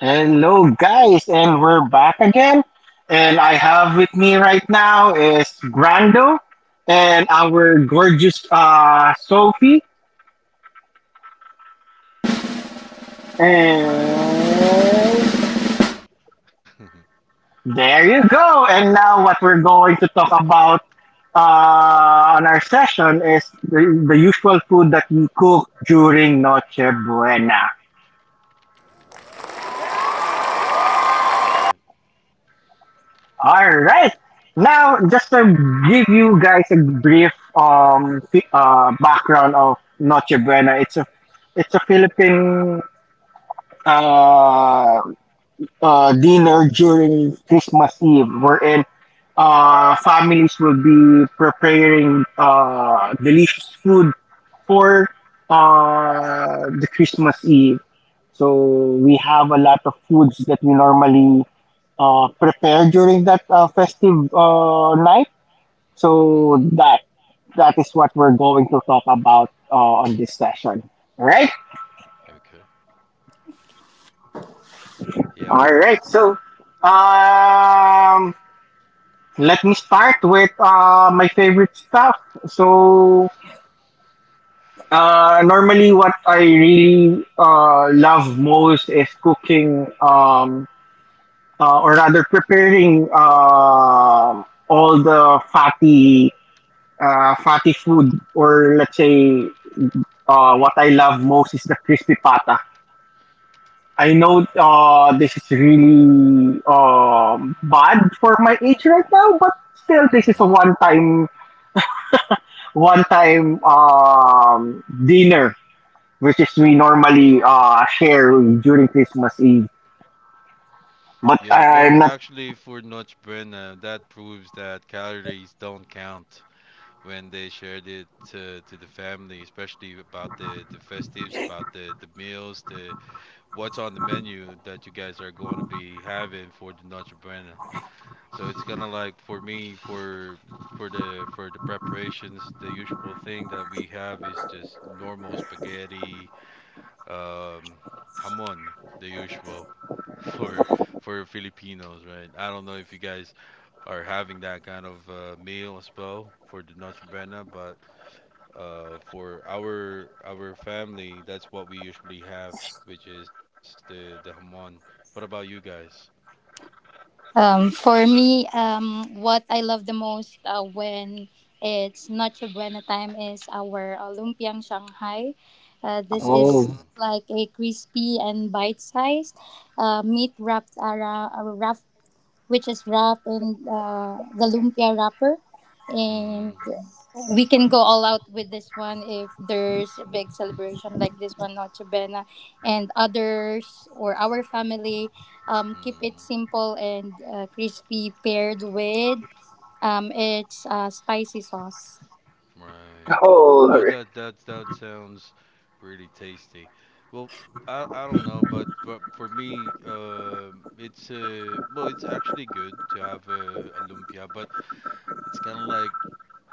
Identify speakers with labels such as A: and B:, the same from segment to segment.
A: Hello, guys, and we're back again. And I have with me right now is Grando and our gorgeous Sophie.
B: Hi everyone.
A: And there you go. And now, what we're going to talk about on our session is the usual food that we cook during Noche Buena.
B: All right.
A: Alright. Now, just to give you guys a brief background of Noche Buena, it's a Philippine uh, dinner during Christmas Eve, wherein families will be preparing delicious food for the Christmas Eve. So we have a lot of foods that we normally prepare during that festive night. So
B: Mhm.
A: that is what we're going to talk about on this session. All right.
B: Okay. Yep.
A: All right. So um, let me start with my favorite stuff. So normally, what I really love most is cooking. Or rather, preparing all the fatty food, or let's say what I love most is the crispy pata. I know this is really bad for my age right now, but still, this is a
B: Mhm.
A: one-time dinner which is we normally share during Christmas Eve. But
B: Yeah, well,
A: I'm not.
B: actually for Notch Brenna, that proves that calories don't count when they shared it to the family, especially about the festives, about the meals, the what's on the menu that you guys are going to be having for the Notch Brenna. So it's kind of like for me for the preparations. The usual thing that we have is just normal spaghetti, um, hamon, the usual for for Filipinos, right? I don't know if you guys are having that kind of meal as well for the Noche Buena, but for our family, that's what we usually have, which is the hamon. What about you guys?
C: For me, what I love the most when it's Noche Buena time is our lumpiang Shanghai. This is
A: Oh,
B: Mm,
C: like a crispy and bite-sized meat wrapped around, which is wrapped in the lumpia wrapper,
B: mm-hmm,
C: and we can go all out with this one if there's a big celebration like this one Noche Buena and others, or our family keep it
B: mm-hmm,
C: simple and crispy, paired with it's spicy sauce.
B: right. Well, that sounds really tasty. Well, I don't know, but for me, it's well, it's actually good to have a lumpia, but it's kind of like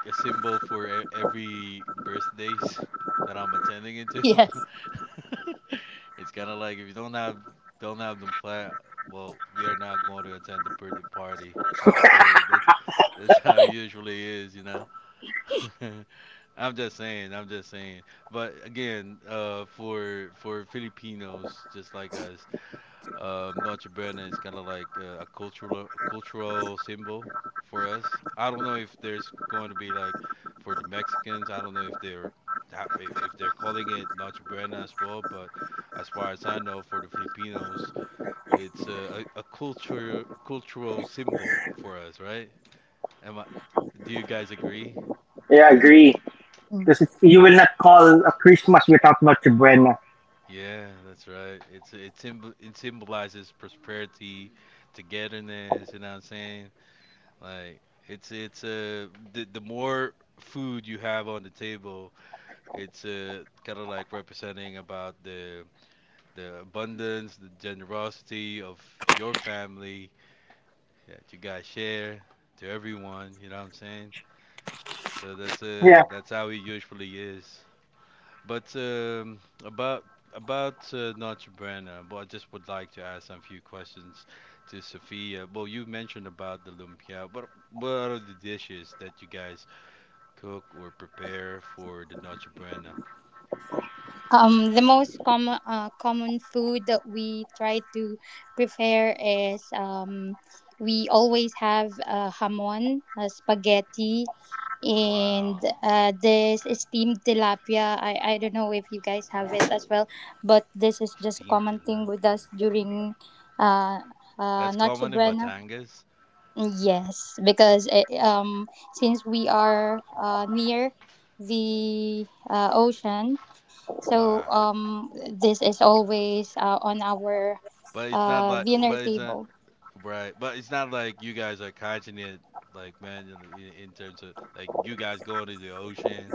B: a symbol for e every birthdays that I'm attending into.
C: Yes.
B: It's kind of like if you don't have them pla well, we are not going to attend the birthday party. That's that's how it usually is. I'm just saying, I'm just saying. But again, for Filipinos just like us, Noche Buena is kind of like a cultural symbol for us. I don't know if there's going to be like for the Mexicans. I don't know if if they're calling it Noche Buena as well. But as far as I know, for the Filipinos, it's a culture cultural symbol for us, right? Am I, do you guys agree?
A: yeah, I agree.
C: Mm.
A: Because you will not call a Christmas without Noche Buena.
B: Yeah, that's right. It symbolizes prosperity, togetherness. You know what I'm saying? Like it's the more food you have on the table, it's kind of like representing about the abundance, the generosity of your family that you guys share to everyone. You know what I'm saying? So that's
A: Yeah.
B: uh that's how it usually is. But about Nacho Brana, well, I just would like to ask some few questions to Sophia. Well, you mentioned about the lumpia, but what are the dishes that you guys cook or prepare for the Nacho Brana?
C: The most common food that we try to prepare is we always have hamon, spaghetti, and
B: Wow,
C: this steamed tilapia. I don't know if you guys have it as well, but this is just a
B: steamed
C: common thing with
B: tilapia.
C: us during uh,
B: That's
C: Noche
B: common in
C: Buena.
B: Batangas.
C: Yes, because since we are near the ocean, so
B: Wow,
C: this is always on our
B: but it's not like,
C: dinner
B: but it's not
C: table.
B: right, but it's not like you guys are catching it. Like, man, in terms of like you guys going to the ocean,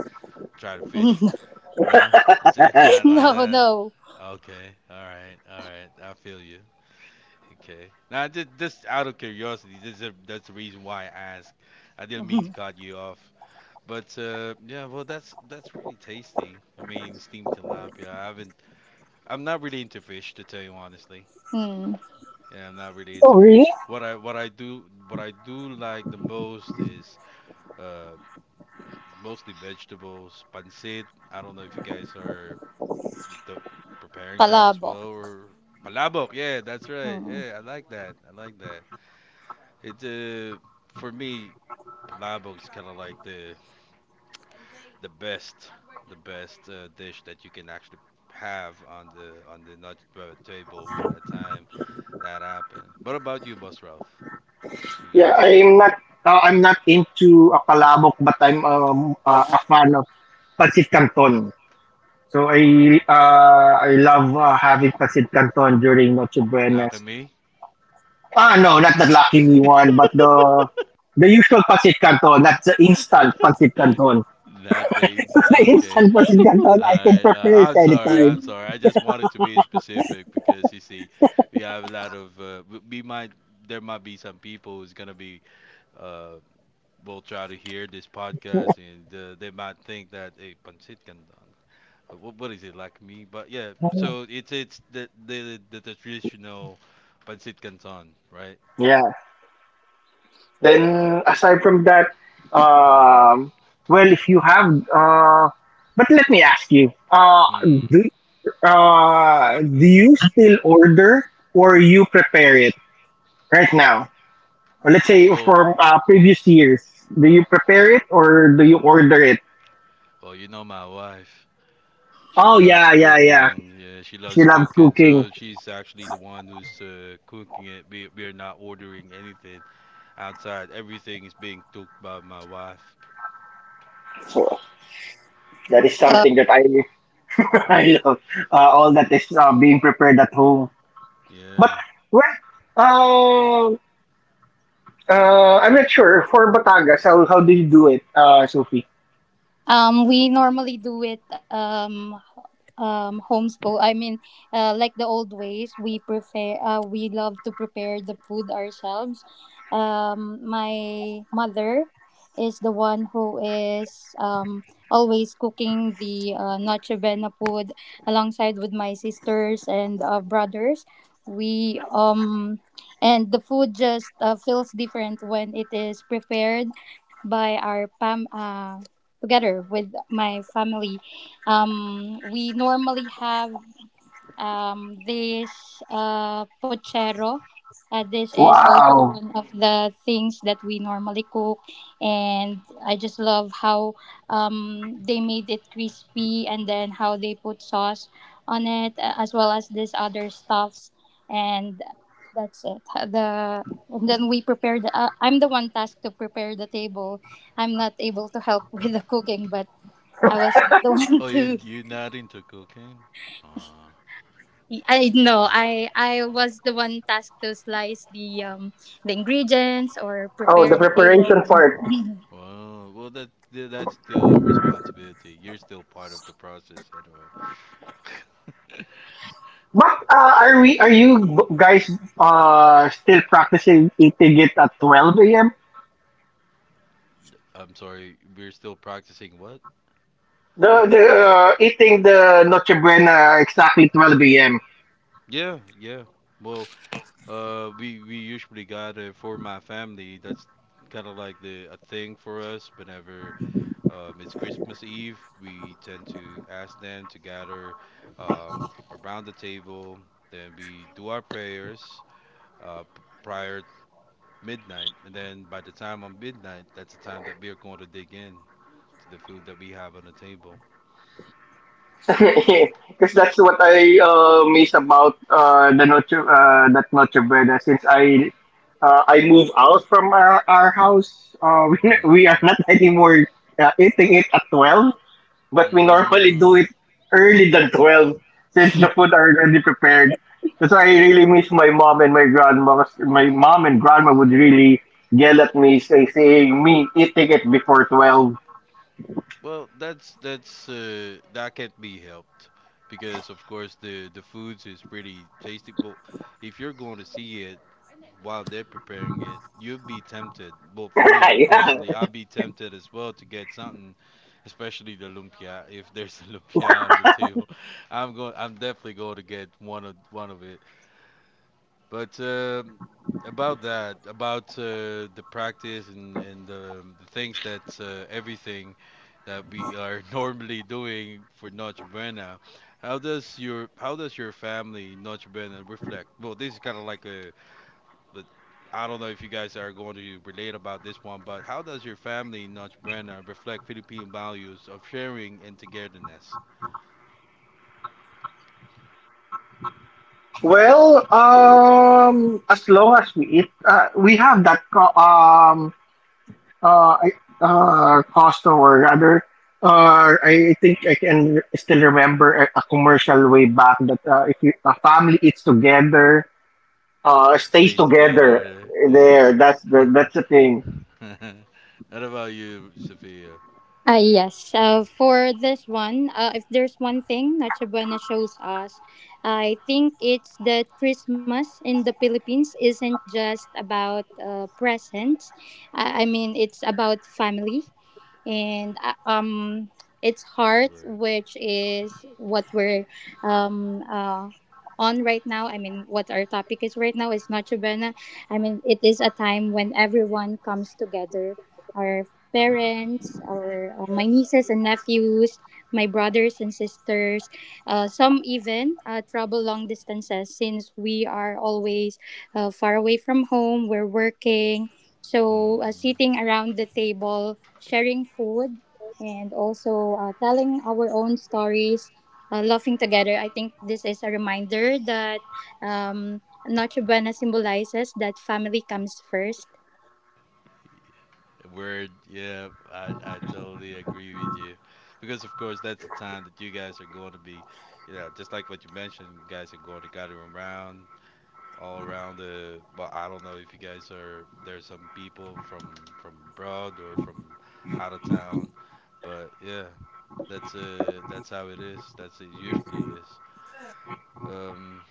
B: try to fish. No, it's not like
C: No,
B: that.
C: no.
B: Okay, all right, all right. I feel you. Okay. Now, just out of curiosity, this is that's the reason why I asked. I didn't mean to cut you off, but yeah, well, that's really tasty. I mean, steamed tilapia. I haven't. I'm not really into fish, to tell you honestly.
C: Mm.
B: Yeah, I'm not really
A: Oh,
B: into
A: really?
B: fish. What I do like the most is uh mostly vegetables, pancit. I don't know if you guys are the preparing that as well,
C: Palabok.
B: or palabok. Yeah, that's right. Yeah, I like that, I like that. It's for me, palabok is kind of like the best the best dish that you can actually have on the nut table by the time that happens. What about you, Boss Ralph? Do you
A: Yeah,
B: guys,
A: I'm not into a palabok, but I'm a fan of pancit canton. So I
B: pancit canton,
A: uh, I love having pancit canton during Noche
B: lucky
A: Buenas.
B: me?
A: Ah, no, not the Lucky Me one, but the usual pancit canton, not the instant pancit canton.
B: not the ins-
A: The
B: Okay.
A: instant pancit canton,
B: All
A: I can
B: right,
A: prepare it
B: I'm sorry.
A: anytime.
B: I'm
C: Mm.
B: sorry. I just wanted to be specific because, you see, we have a lot of w- we might there might be some people who's gonna be uh will try to hear this podcast, and they might think that, a hey, pancit canton, what is it like me? But yeah, so it's the traditional pancit canton, right?
A: Yeah. Then aside from that,
B: Mm-hmm.
A: um, well, if you have, uh, but let me ask you,
B: Hmm.
A: do do you still order, or you prepare it right now? Or let's say
B: Well,
A: from previous years, do you prepare it or do you order it?
B: well, you know my wife. She
A: Oh,
B: loves
A: yeah, yeah, yeah.
B: cooking. Yeah, she
A: She
B: loves
A: loves
B: cooking.
A: cooking.
B: So she's actually the one who's cooking it. We're not ordering anything outside. Everything is being cooked by my wife.
A: So that is something that I I love. All that is being prepared at home. But
B: Yeah.
A: well, um, I'm not sure for Batangas. How do you do it, Sophie?
C: We normally do it homeschool. Like the old ways, we prepare. We love to prepare the food ourselves. My mother is the one who is always cooking the noche buena food alongside with my sisters and brothers. We And the food just feels different when it is prepared by our pam, together with my family. We normally have this pochero. This is also
A: Wow.
C: one of the things that we normally cook, and I just love how they made it crispy and then how they put sauce on it, as well as this other stuffs, and that's it. The and then we prepare the. I'm the one tasked to prepare the table. I'm not able to help with the cooking, but I was the one
B: Oh, you
C: to
B: you're not into cooking? Ah.
C: I no, I was the one tasked to slice the ingredients or
A: Oh,
C: prepare
A: the
C: the table.
A: preparation part.
B: Well, that's still a responsibility. You're still part of the process anyway.
A: But are we? Are you guys still practicing eating it at 12 a.m.?
B: I'm sorry. We're still practicing what?
A: The eating the Noche Buena exactly 12 a.m.
B: Yeah, yeah. Well, we usually got it for my family. That's kind of like the a thing for us. Whenever it's Christmas Eve, we tend to ask them to gather um, around the table. Then we do our prayers prior midnight, and then by the time on midnight, that's the time that we are going to dig in to the food that we have on the table.
A: Because that's what I miss about the Noche that Noche Buena. Since I move out from our house, we are
B: Hmm.
A: not anymore eating it at 12. But we normally do
B: Mm.
A: it early than 12 since the food are already prepared. That's why I really miss my mom and my grandma. 'Cause my mom and grandma would really yell at me, saying me eating it before 12.
B: Well, that can be helped because, of course, the foods is pretty tasty. But if you're going to see it while they're preparing it, you'll be tempted. Well, for me
A: Yeah.
B: personally, I'll be tempted as well to get something, especially the lumpia. If there's a lumpia on the table, I'm going. I'm definitely going to get one of it. But about the practice and the things that everything that we are normally doing for Noche Buena. How does your family Noche Buena reflect? Well, this is kind of like but I don't know if you guys are going to relate about this one, but how does your family Noche Buena reflect Philippine values of sharing and togetherness?
A: Well, as long as we eat, we have that custom, or rather, I think I can still remember a commercial way back that if you, a family eats together stays
B: Stays
A: together
B: together, yeah.
A: there. That's the thing.
B: What about you, Sophia?
C: Yes. For this one, if there's one thing Noche Buena shows us, I think it's that Christmas in the Philippines isn't just about presents. I mean, it's about family and its heart,
B: Word.
C: which is what we're um, uh, on right now. I mean, what our topic is right now is Noche Buena. I mean, it is a time when everyone comes together. Our parents, our my nieces and nephews, my brothers and sisters. Some even travel long distances since we are always far away from home. We're working, so
B: Hmm.
C: sitting around the table, sharing food, and also telling our own stories. Laughing together, I think this is a reminder that Noche Buena symbolizes that family comes first.
B: Word, yeah, I totally agree with you. Because, of course, that's the time that you guys are going to be, you know, just like what you mentioned, you guys are going to gather around, all around the, but I don't know if you guys there's some people from abroad or from out of town, but yeah, that's how it is. That's it usually is. Um,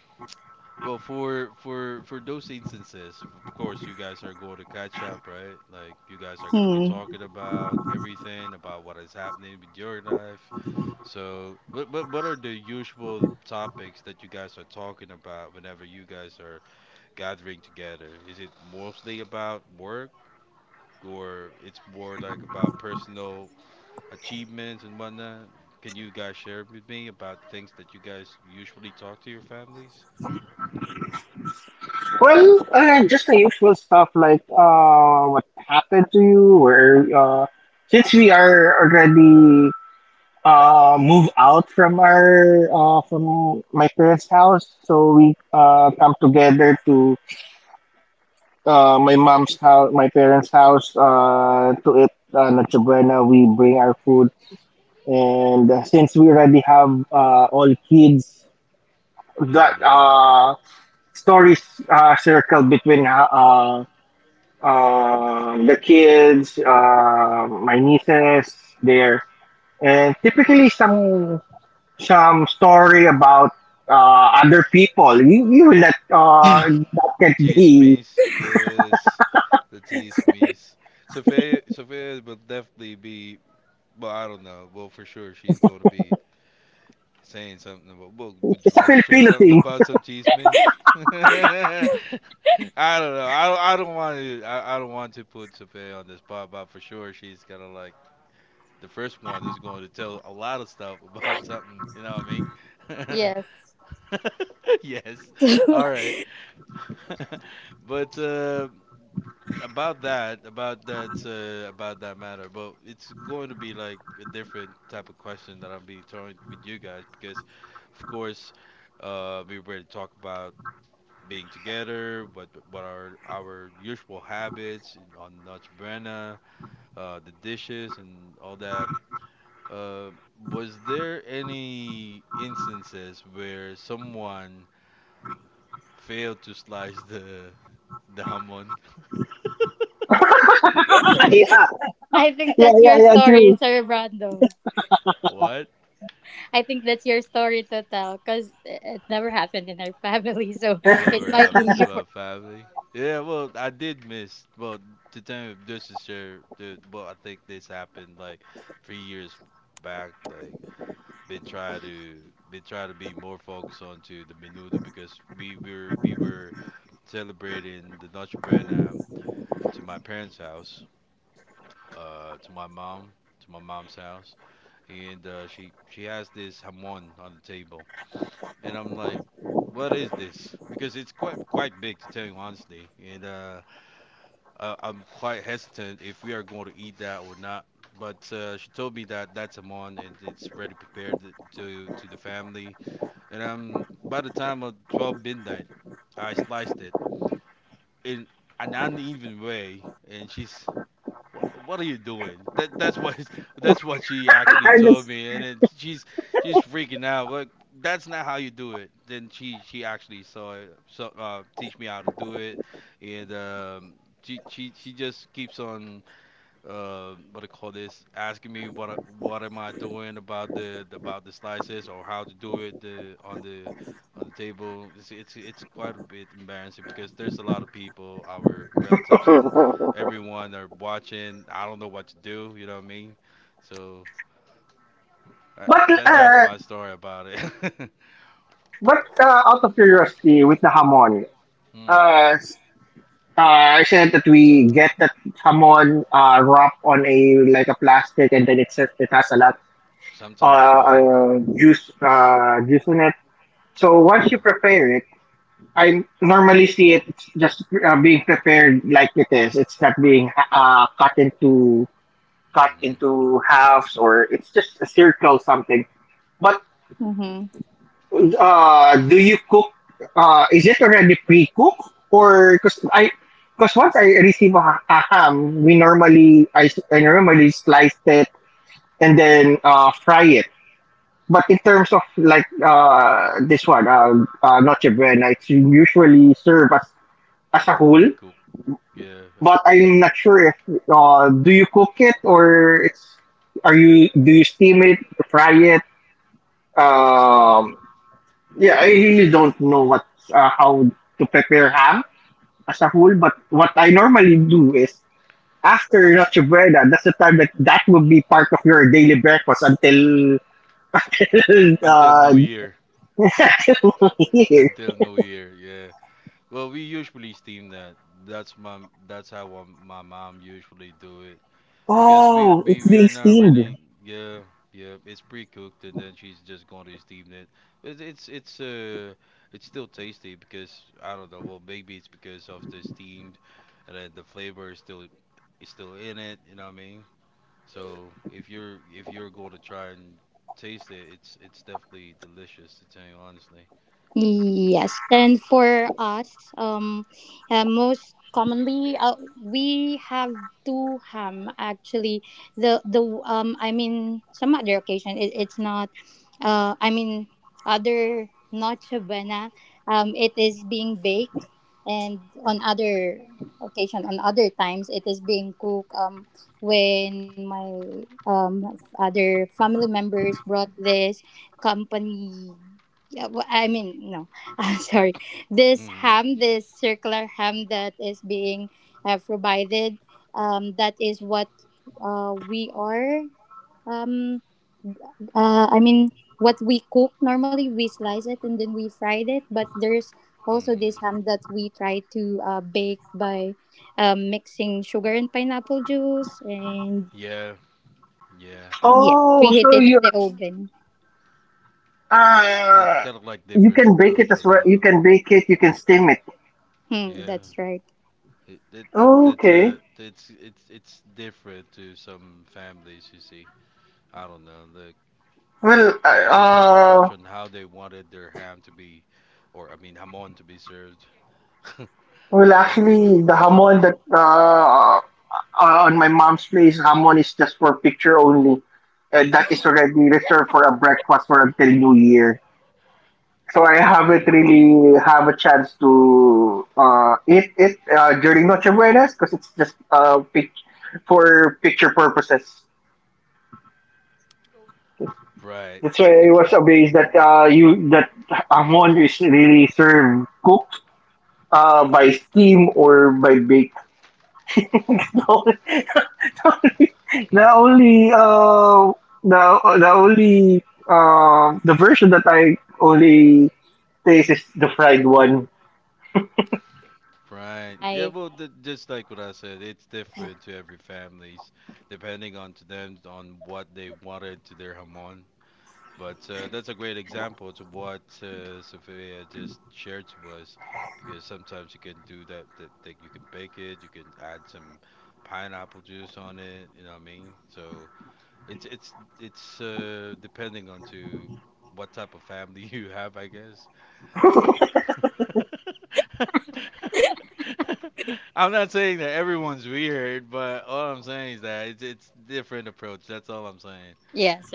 B: well, for for those instances, of course, you guys are going to catch up, right? Like you guys are going to be talking about everything about what is happening with your life. So, what are the usual topics that you guys are talking about whenever you guys are gathering together? Is it mostly about work, or it's more like about personal achievements and whatnot? Can you guys share with me about things that you guys usually talk to your families?
A: Well, just the usual stuff like what happened to you, where since we are already move out from our from my parents' house, so we come together to my mom's house, my parents' house to eat Noche Buena. We bring our food, and since we already have all kids that
B: Hmm.
A: stories circle between the kids, my nieces there, and typically some story about other people. You will not
B: The
A: that can be.
B: chismis, yes, the chismis. Sophia will definitely be. Well, I don't know. Well, for sure, she's going to be saying something about. Well, would you
A: It's a
B: like to share
A: Filipino
B: something
A: thing.
B: about some chismis? I don't know. I don't. I don't want to. I don't want to put Sophia on the spot, but for sure, she's kind of like the first one who's going to tell a lot of stuff about something. You know what I mean? Yes. All right. But about that, about that matter, but it's going to be like a different type of question that I'm be throwing with you guys, because of course, we already talked about being together. What are our usual habits on Noche Buena, the dishes and all that. uh was there any instances where someone failed to slice the hamon?
C: I think
A: Yeah,
C: that's
A: yeah,
C: your
A: yeah.
C: story,
A: True.
C: Sir Brando.
B: What?
C: I think that's your story to tell because it never happened in our family, so it
B: Never
C: might be
B: happened to
C: your.
B: my family. Yeah, well, I did miss. Well, to tell you, this is share, the, well, I think this happened like 3 years back. Like, been trying to been trying to be more focused onto the menudo because we were celebrating the Noche Buena to my parents' house, uh, to my mom, to my mom's house, and she has this hamon on the table, and I'm like, what is this? Because it's quite big, to tell you honestly, and I'm quite hesitant if we are going to eat that or not. But she told me that that's a mon and it's ready prepared to the family. And by the time of 12 midnight, I sliced it in an uneven way, and she's, what are you doing? That's what that's what she actually
A: And it's,
B: told me, and then she's freaking out. Like, that's not how you do it. Then she actually saw it, so teach me how to do it, and she just keeps on what do you call this? Asking me what am I doing about the slices or how to do it, the, on the table. It's quite a bit embarrassing because there's a lot of people, our relatives and everyone are watching. I don't know what to do. You know what I mean? So I,
A: but
B: that that's
A: uh,
B: my story about it.
A: but out of curiosity, with the hamon,
B: Hmm.
A: uh, I said that we get that hamon wrapped on a like a plastic, and then it has a lot
B: Sometimes foil.
A: juice in it. So once
B: Yeah.
A: you prepare it, I normally see it's just being prepared like it is. It's not being cut into cut
B: mm
A: into halves, or it's just a circle, something. But
C: Mm-hmm.
A: do you cook, is it already pre-cooked? Or because once I receive a ham, we normally I normally slice it and then fry it, but in terms of like this one, noche
B: hmm
A: buena, it's usually served as a whole,
B: Pre cooked. Yeah, as
A: but
B: pre
A: I'm not
B: cooked.
A: sure if, do you cook it, or it's are you do you steam it, fry it?
B: Sting.
A: Um, Yeah, I really don't know what how to prepare ham as a whole, but what I normally do is after
B: Well,
A: Noche Buena, that's the time that will be part of your daily breakfast until
B: until
A: uh,
B: New Year.
A: here.
B: Until New Year, yeah. Well, we usually steam that. That's my that's how my mom usually do it because we
A: Oh,
B: we
A: it's being
B: we're not
A: steamed.
B: really yeah yeah it's pre-cooked and then she's just going to steam it. But it's still tasty because I don't know. Well, maybe it's because of the steamed and then the flavor is still in it. You know what I mean? So if you're going to try and taste it, it's definitely delicious to tell you honestly.
C: Yes, and for us, most commonly, we have two ham. Actually, the I mean, some other occasion, it's not. I mean, other noche buena, it is being baked, and on other occasion, on other times, it is being cooked. When my other family members brought this company, yeah, well, I mean, no, I'm sorry. This
B: Hmm.
C: ham, this circular ham that is being provided, that is what we are. Um, I mean, what we cook normally, we slice it and then we fried it. But there's also this
B: Mm.
C: ham that we try to bake by mixing sugar and pineapple juice, and
B: Yeah, yeah.
C: yeah,
A: Oh,
C: we heat
A: so
C: it in the oven.
B: It's
A: uh
B: kind of like
A: you
B: different
A: can bake it
B: approach
A: as
B: on
A: well.
B: how.
A: You can bake it. You can steam it.
C: Hmm,
B: Yeah,
C: that's right.
B: it that's
A: Okay.
B: it's different to some families. You see, I don't know
A: Well,
B: the
A: uh,
B: different
A: uh
B: approach on how they wanted their ham to be, or I mean hamon to be served
A: well,
B: for everyone.
A: actually, the hamon that on my mom's place, hamon is just for picture only. That is already reserved for a breakfast for until New Year. So I haven't
B: Really?
A: really have a chance to eat it during Noche Buenas because it's just for picture purposes.
B: Right.
A: That's why I was
B: Okay.
A: amazed that you that hamon is really served cooked by steam or by bake. The only the the only the version that I only taste is the fried one.
B: Right. Yeah,
C: I
B: well, th just like what I said, it's different to every families, depending on to them on what they wanted to their hamon. But that's a great example to what Sophia just shared to us, because sometimes you can do that you can bake it, you can add some pineapple juice on it. You know what I mean? So it's depending on to what type of family you have, I guess. I'm not saying that everyone's weird, but all I'm saying is that it's different approach. That's all I'm saying.
C: Yes,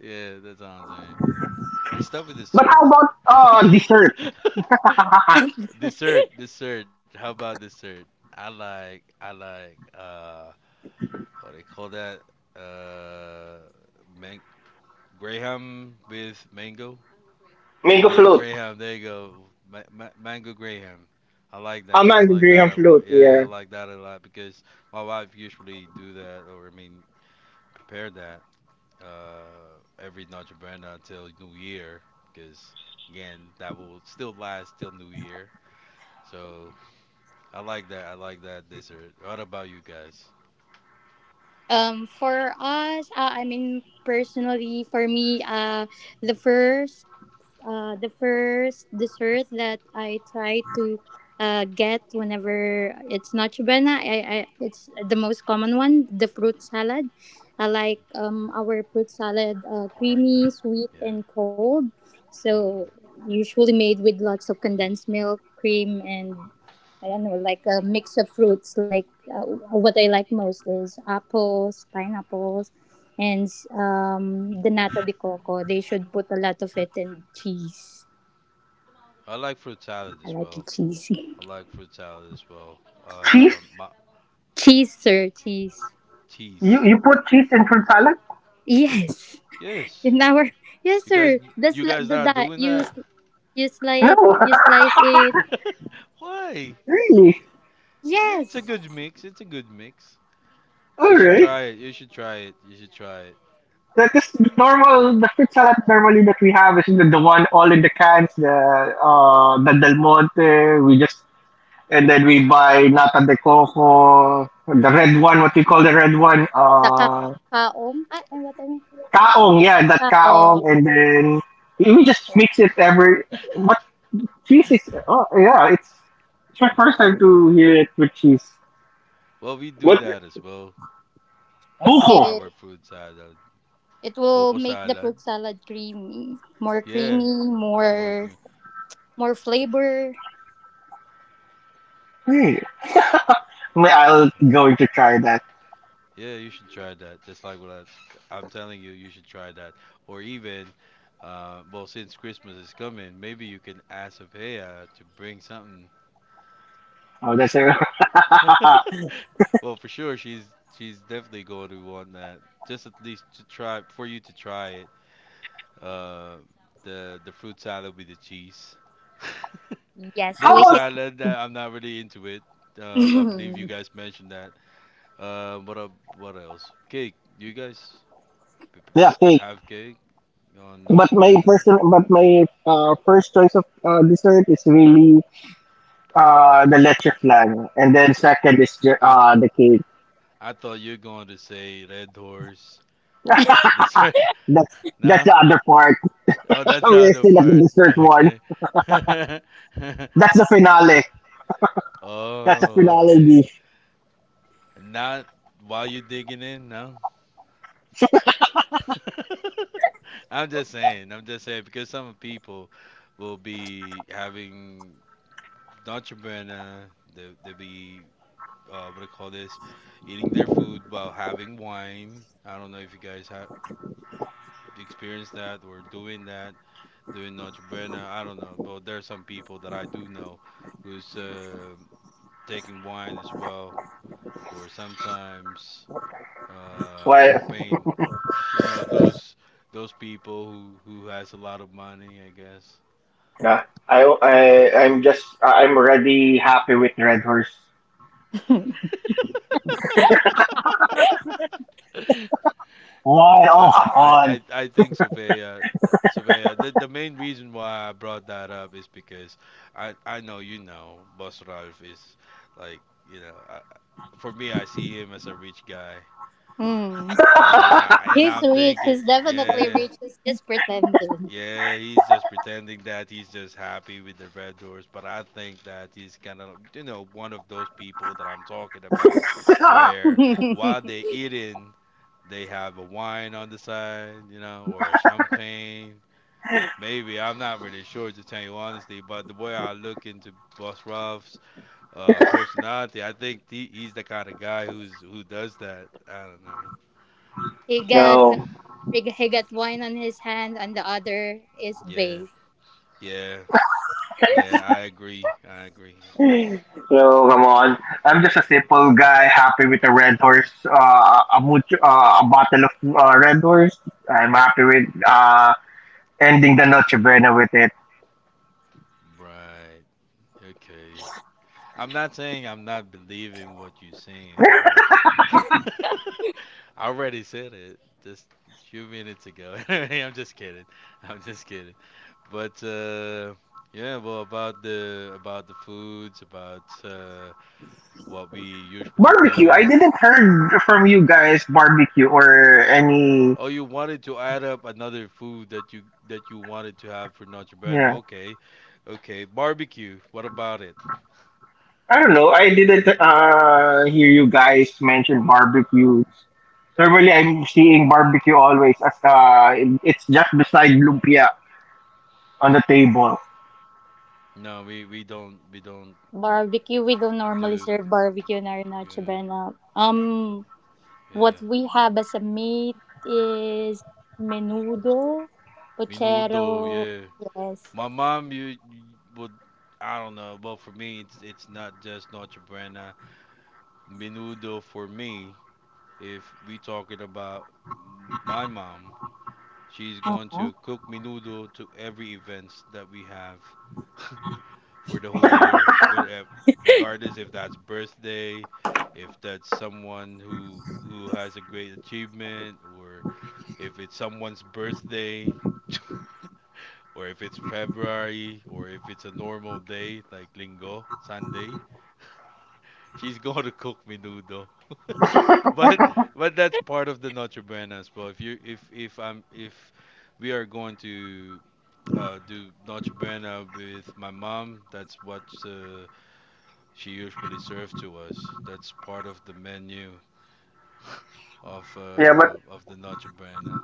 B: Yeah, that's all I'm saying. It start with
A: But
B: dessert.
A: how about dessert?
C: yes.
B: Dessert, dessert. How about dessert? I like, what do they call that? Uh, man- Graham with mango.
A: Mango
B: Mango
A: float.
B: Graham. There you go. Mango Graham. I like
A: A
B: that. I
A: mango
B: like that
A: graham
B: a lot.
A: float,
B: Yeah, I
A: yeah.
B: like that a lot because my wife usually do that, or I mean, prepare that. uh, every Noche Buena until New Year, because again, that will still last till New Year. So I like that. I like that dessert. What about you guys?
C: For us, I mean, personally, for me, the first the first dessert that I try to get whenever it's not chubena. I It's the most common one, the fruit salad. I like our fruit salad
B: I like
C: creamy,
B: that.
C: sweet,
B: Yeah.
C: and cold. So
B: Hmm.
C: usually made with lots of condensed milk, cream, and I don't know, like a mix of fruits. Like what I like most is apples, pineapples, hence, the nata de coco, they should put a lot of it, and cheese.
B: I like fruit salad
C: I
B: as
C: like it
B: well.
C: cheesy.
B: I like fruit salad as well.
A: Cheese?
B: My
C: Cheese, sir, cheese.
A: You
B: cheese.
A: you put cheese in fruit salad?
C: Yes,
B: Yes.
C: in our yes,
B: You guys,
C: sir. That's
B: you
C: the,
B: guys not
C: that
B: doing
C: you
B: that?
C: you slice,
A: No,
C: you slice it.
B: Why? It's,
A: really?
B: yeah, it's
C: Yes,
B: a good mix. It's a good mix. You should
A: Alright.
B: try it. You should try it. You should try
A: That is normal. The fruit salad normally that we have is the one all in the cans, the Del Monte. We just And then we buy nata de coco, the red one, what we call the red one,
C: the ka kaong, what I mean
A: kaong, yeah, that kaong,
C: kaong,
A: and then we just mix it every,
B: it.
A: what cheese is, oh, yeah, it's my first time to hear it with cheese.
B: Well, we do
A: What?
B: that as well for
A: Buko!
B: our
C: it
B: fruit salad.
C: it will
B: Boko
C: make the
B: salad?
C: fruit salad creamy, more
B: Yeah,
C: creamy,
B: more green.
C: more flavor.
A: Hey, I'll going to try that.
B: Yeah, you should try that. Just like what I'm telling you, you should try that. Or even, well, since Christmas is coming, maybe you can ask Sophia to bring something.
A: Oh, that's it. How
B: Well, for sure, she's definitely going to want that. Just at least to try for you to try it. Uh, the fruit salad with the cheese.
C: Yes,
B: Buko
C: we
A: about,
C: can.
B: salad, I'm not really into it. I believe you guys mentioned that. Uh, what up, what else? Cake. You guys p- p-
A: yeah, cake.
B: have cake on
A: But
B: Noche
A: my
B: Buena?
A: person, but my first choice of dessert is really the leche flan, and then second is
B: I
A: the cake.
B: I thought you were going to say red horse as dessert.
A: That's that's
B: No?
A: the other part.
B: Oh, that's the
A: We're
B: other
A: still at the
B: part.
A: dessert one.
B: Okay.
A: That's the finale. That's the
B: Oh,
A: finale
B: okay.
A: dish.
B: Not while you're digging in, no? I'm just saying. I'm just saying because some people will be having Dolce and Gabbana. They they'll be what do you call this? Eating their food while having wine. I don't know if you guys have experienced that or doing that, doing Dolce and Gabbana. I don't know, but there are some people that I do know who's taking wine as well, or sometimes
A: Well,
B: champagne. You know those people who has a lot of money, I guess.
A: uh, I'm already happy with Red Horse. Why?
B: I
A: Oh,
B: I
A: come
B: I I think Sophia, Sophia. The main reason why I brought that up is because I know you know Boss Ralph is like you know for me I see him as a rich guy
C: Mm.
B: and I and
C: He's
B: I'm
C: rich.
B: thinking
C: He's definitely
B: yeah
C: rich. He's just pretending.
B: yeah, he's just pretending that he's just happy with the Red Doors, but I think that he's kind of, you know, one of those people that I'm talking about,
A: on.
B: where while they eating, they have a wine on the side, you know, or a champagne. Maybe I'm not really sure to tell you honestly, but the way I look into Boss Ruff's personality, I think he's the kind of guy who's who does that. I don't know.
C: He got
B: Can you?
C: some, he got wine on his hand, and the other is
B: Yeah,
C: babe.
B: yeah, yeah. I agree. I agree.
A: So come on, I'm just a simple guy, happy with a Red Horse, a bottle of Red Horse. I'm happy with ending the Noche Buena with it.
B: Right. Okay. I'm not saying I'm not believing what you're saying, but I already said it just a few minutes ago. I'm just kidding. I'm just kidding. But yeah, well, about the foods, about what we usually
A: Barbecue. I
B: do.
A: didn't heard from you guys barbecue or any.
B: Oh, you wanted to add up another food that you wanted to have for Notre Dame.
A: Yeah.
B: Okay, okay. Barbecue. What about it?
A: I don't know. I didn't hear you guys mention barbecues. Normally, I'm seeing barbecue always as, it's just beside lumpia on the table.
B: No, we don't
C: Barbecue. We don't normally
B: do.
C: serve barbecue in our Noche
B: Yeah,
C: Buena.
B: yeah.
C: What we have as a meat is menudo,
B: Menudo,
C: puchero.
B: yeah.
C: Yes.
B: My mom, you would, I don't know, but for me, it's not just Noche Buena. Menudo for me, if we talking about my mom, she's going to
C: uh
B: cook menudo to every events that we have for the whole year, but regardless if that's birthday, if that's someone who has a great achievement, or if it's someone's birthday. Or if it's February, or if it's a normal day like Linggo, Sunday, she's going to cook menudo. but but that's part of the Noche Buena as well. If you if I'm if we are going to do Noche Buena with my mom, that's what she usually serves to us. That's part of the menu
A: Yeah, but
B: of the Noche Buena.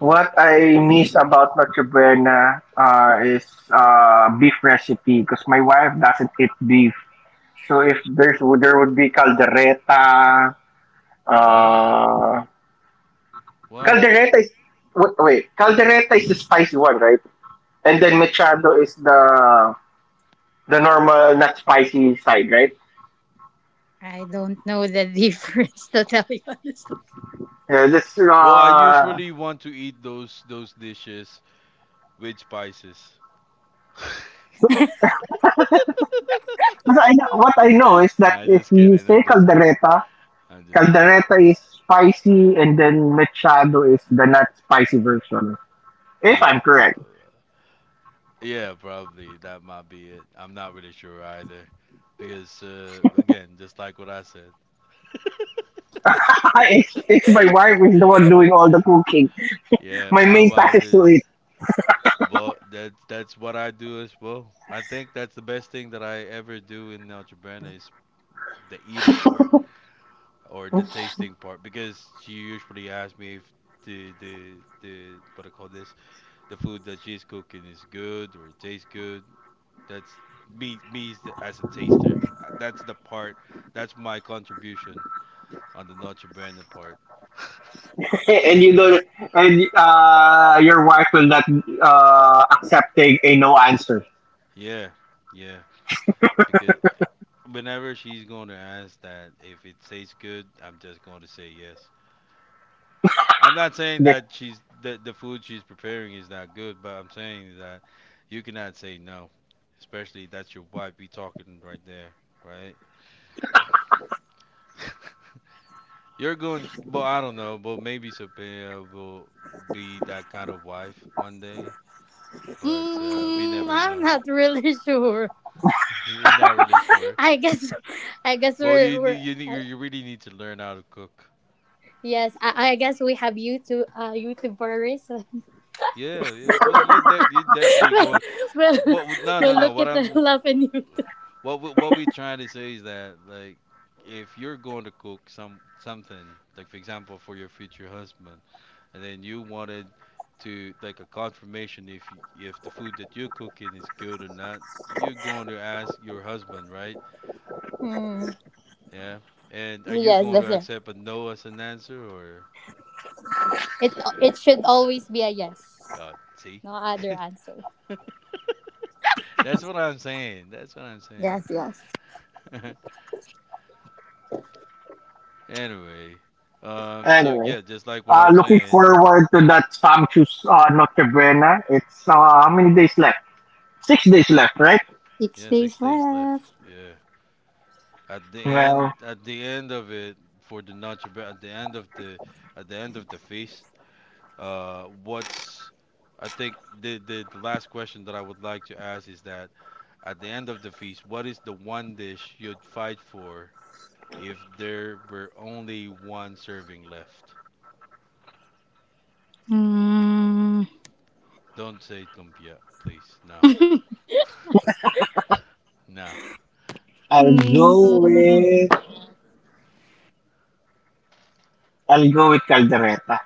A: what I miss about Noche Buena is beef recipe, because my wife doesn't eat beef. So if there would be caldereta.
B: No,
A: Uh,
B: why?
A: caldereta is wait, wait, caldereta is the spicy one, right? And then
B: Yeah.
A: mechado is the normal, not spicy side, right?
C: I don't know the difference to tell you honestly.
A: Yeah, this
B: Well, I usually want to eat those dishes with spices.
A: 'cause I know, what I know is that
B: Nah, I'm
A: if
B: just
A: you
B: kidding.
A: say
B: I'm just kidding.
A: caldereta,
B: I'm just kidding.
A: caldereta is spicy, and then machado is the not spicy version. If
B: Yeah,
A: I'm
B: pro-
A: correct,
B: yeah, probably that might be it. I'm not really sure either because again, just like what I said.
A: it's my wife is the one doing all the cooking.
B: Yeah,
A: My
B: my
A: main task
B: wife
A: is
B: is.
A: to eat,
B: Well, that's what I do as well. I think that's the best thing that I ever do in Algebra is the eating part, or the tasting part because she usually asks me if the the the what I call this the food that she's cooking is good or it tastes good. That's me as as a taster. That's the part. That's my contribution on the Noche Buena part.
A: and you don't, and your wife will not accepting a no answer.
B: Yeah, yeah. Because whenever she's going to ask that if it tastes good, I'm just going to say yes. I'm not saying that she's that the food she's preparing is not good, but I'm saying that you cannot say no, especially that's your wife. We talking right there, right? You're going, but I don't know, but maybe Sophia will be that kind of wife one day. But we
C: Mm,
B: never
C: I'm
B: know.
C: not really sure.
B: You're not really sure.
C: I guess I guess
B: Well,
C: we're
B: you really need to learn how to cook.
C: yes. I guess we have YouTubers.
B: Yeah, yeah. Well, you definitely
C: we'll,
B: going.
C: we'll
B: But no, no,
C: we'll
B: no.
C: look
B: What
C: at the
B: I'm
C: love in YouTube.
B: What we trying to say is that like if you're going to cook something like for example for your future husband and then you wanted to like a confirmation if if the food that you're cooking is good or not you're going to ask your husband right
C: Hmm.
B: yeah and are you
C: Yes,
B: going
C: that's
B: to
C: right.
B: accept a no as an answer or
C: It it should always be a yes.
B: see
C: No other answer.
B: that's what I'm saying that's what I'm saying
C: Yes, yes.
B: anyway so
A: Anyway,
B: yeah just like what I'm
A: Looking
B: saying.
A: forward to that Samchu's Noche Buena. It's how many days left? 6 days left, right?
C: Six
B: Yeah,
C: days
B: 6 days left.
C: left.
B: Yeah.
A: Well,
B: At the end of it, for the Nacho, Bre- at the end of the, At the end of the feast, uh, what's, I think the last question that I would like to ask is that at the end of the feast, what is the one dish you'd fight for if there were only one serving left?
C: Hmm.
B: Don't say lumpia, please. No, no.
A: I'll
C: Hmm.
A: go with I'll go with Caldereta.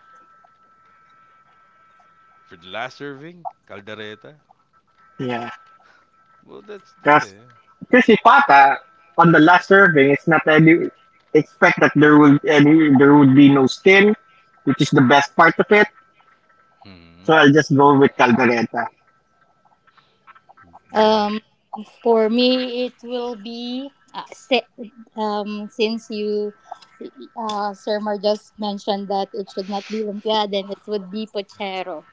B: For the last serving, caldereta.
A: Yeah,
B: Well, that's yeah.
A: because si Pata on the last serving, it's not any expect that there would be no skin, which is the best part of it. So
B: Hmm.
A: I'll just go with Caldereta.
B: Yeah.
C: Um, for me, it will be since you, Sir Mar just mentioned that it should not be lumpia, then it would be pochero.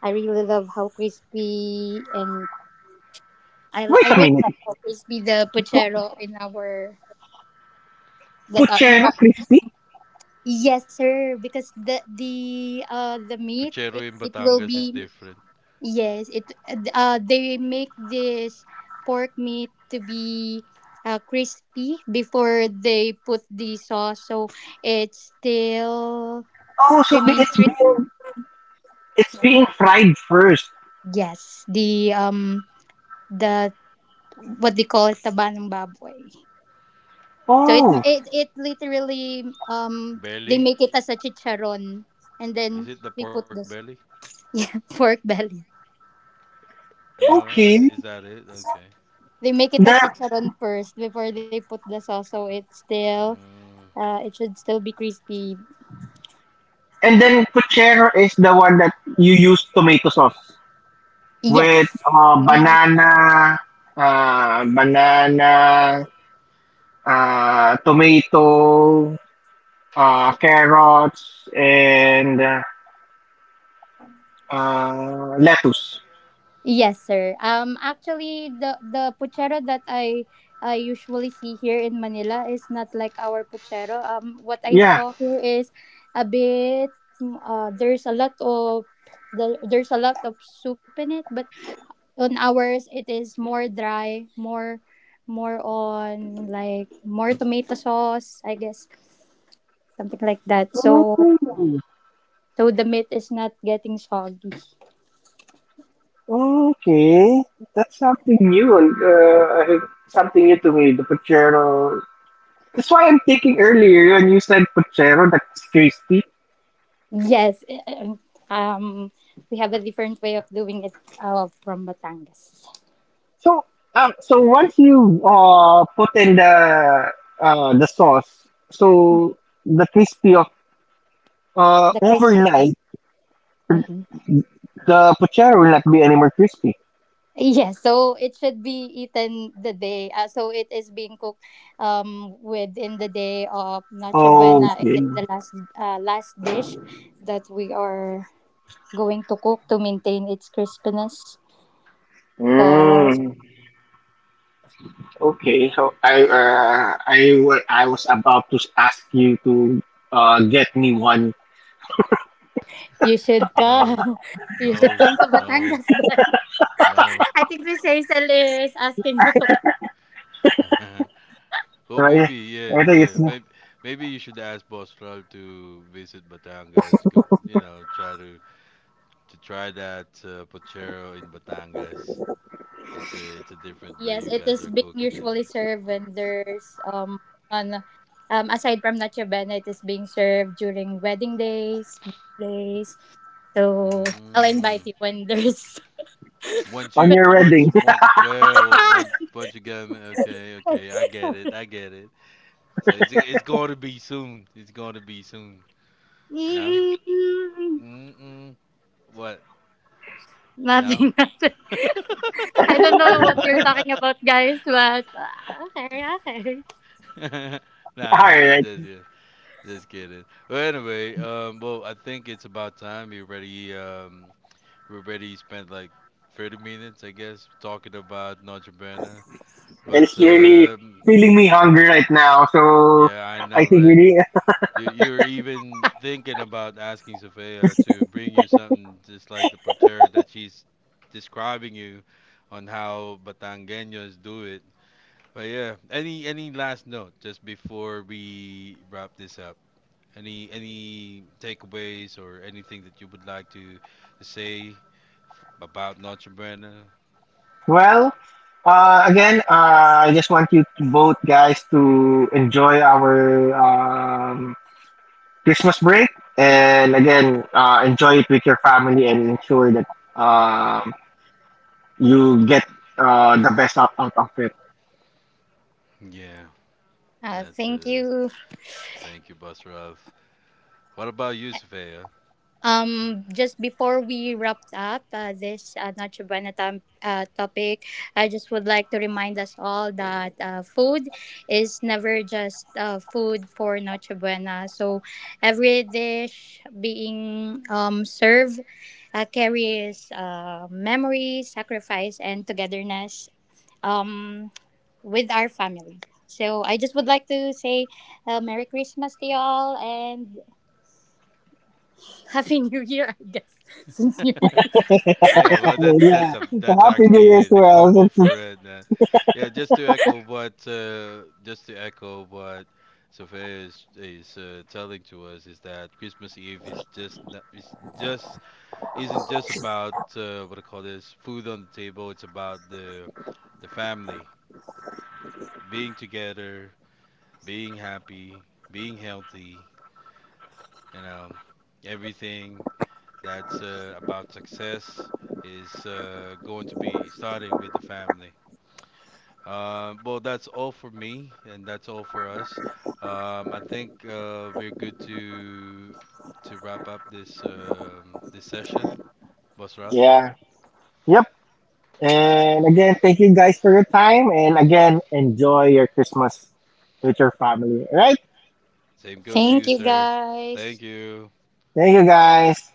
C: I really love how crispy and I
A: Wait a
C: really
A: minute,
C: love how crispy the
A: Pu-
C: pochero in our that are,
A: Puchero crispy?
C: yes sir, because the meat
B: Puchero
C: it,
B: in
C: it will
B: Batangas is
C: be.
B: different.
C: Yes, it they make this pork meat to be crispy before they put the sauce, so it still
A: Oh, so be-
C: remains
A: it's
C: crispy.
A: being it's being fried first.
C: Yes, the the what they call it taba ng baboy. So it
A: Oh,
C: it it literally they
B: Belly?
C: make it as a chicharon and
B: Is
C: then
B: it the
C: they
B: pork
C: put
B: belly?
C: this yeah pork belly.
B: Am I right? Is
A: okay.
B: that it? Okay.
C: They make it a
A: The
C: chicharon first before they put the sauce, so it's still.
B: Mm.
C: It should still be crispy.
A: and then puchero is the one that you use tomato sauce with
C: Yes, we.
A: banana, tomato, carrots, and lettuce.
C: Yes, sir. Actually, the puchero that I usually see here in Manila is not like our puchero. What I
A: Yeah.
C: saw here is a bit. Mm, there's a lot of there's a lot of soup in it, but on ours it is more dry, more on like more tomato sauce, I guess, something like that. So
A: Ooh,
C: the meat is not getting soggy.
A: okay, that's something new. And something new to me. The puchero. That's why I'm thinking earlier when you said puchero. That's tasty.
C: Yes, and, um, we have a different way of doing it from Batangas.
A: So, so once you put in the sauce, so the crispy of
C: The crispy.
A: overnight,
C: Mm-hmm.
A: the puchero will not be any more crispy.
C: Yes, so it should be eaten the day. So it is being cooked within the day of Noche Buena. It
A: Okay.
C: is the last dish that we are going to cook to maintain its crispiness. That
A: Mm, okay. So I was about to ask you to get me one.
C: you should
B: No,
C: come. You should
B: no,
C: come to
B: no,
C: Batangas then.
B: no.
C: I think Miss Hazel is asking you to.
B: Well,
A: Yeah,
B: maybe, yeah,
A: I think
B: yeah.
A: it's
B: Maybe, maybe you should ask Boss Ralph to visit Batangas. Go, you know, try to try that puchero in Batangas. It's a different way
C: Yes,
B: you
C: it
B: guys
C: is
B: are
C: being
B: cooking it.
C: usually served when there's on aside from Noche Buena, it is being served during wedding days, birthdays. So I'll
B: Mm.
C: invite you when there's
B: Once
A: on
C: when
B: you
A: your
C: our-
B: once
A: wedding.
B: one yeah well,
C: ah!
B: once you get 'em, okay I get it I get it. So it's going to be soon. It's going to be soon. No.
C: Mm,
B: Mm-mm. What? No.
C: nothing, nothing. I don't know what you're talking about, guys, but ah, okay, okay.
A: All
B: Nah.
A: right.
B: Just kid- just kidding. But anyway, well I think it's about time we already spent like 30 minutes I guess talking about Noche Buena.
A: And
B: But
A: it's really feeling me hungry right now. So
B: yeah I
A: I
B: know
A: think we
B: right.
A: need.
B: You're even thinking about asking Sophia to bring you something just like the portrayal that she's describing you on how Batangueños do it. But yeah, any last note just before we wrap this up? Any takeaways or anything that you would like to say about Noche Buena?
A: Well, again, I just want you to both guys to enjoy our Christmas break, and again, enjoy it with your family, and ensure that um, you get the best out of it.
B: Yeah, that's
C: Thank you.
B: thank you, Boss Ruff. What about you, Sophia?
C: Just before we wrapped up this topic, I just would like to remind us all that food is never just food for Noche Buena. So every dish being served carries memory, sacrifice, and togetherness um, with our family. So I just would like to say Merry Christmas to y'all and Happy New Year, I guess, since New Year.
B: Yeah, well, that's actually the combo for it. Then. Yeah, just to echo what Sophia is telling to us is that Christmas Eve is just not, is just isn't just about what I call this food on the table. It's about the family being together, being happy, being healthy. You know, everything that's about success is going to be starting with the family. Well, that's all for me, and that's all for us. I think we're good to wrap up this this session, Boss Ralph.
A: Yeah. Yep. And again, thank you guys for your time, and again, enjoy your Christmas with your family. All right.
B: Same goes to
C: Thank
B: you,
C: you
B: sir. Thank
C: guys.
B: you.
A: Thank you guys.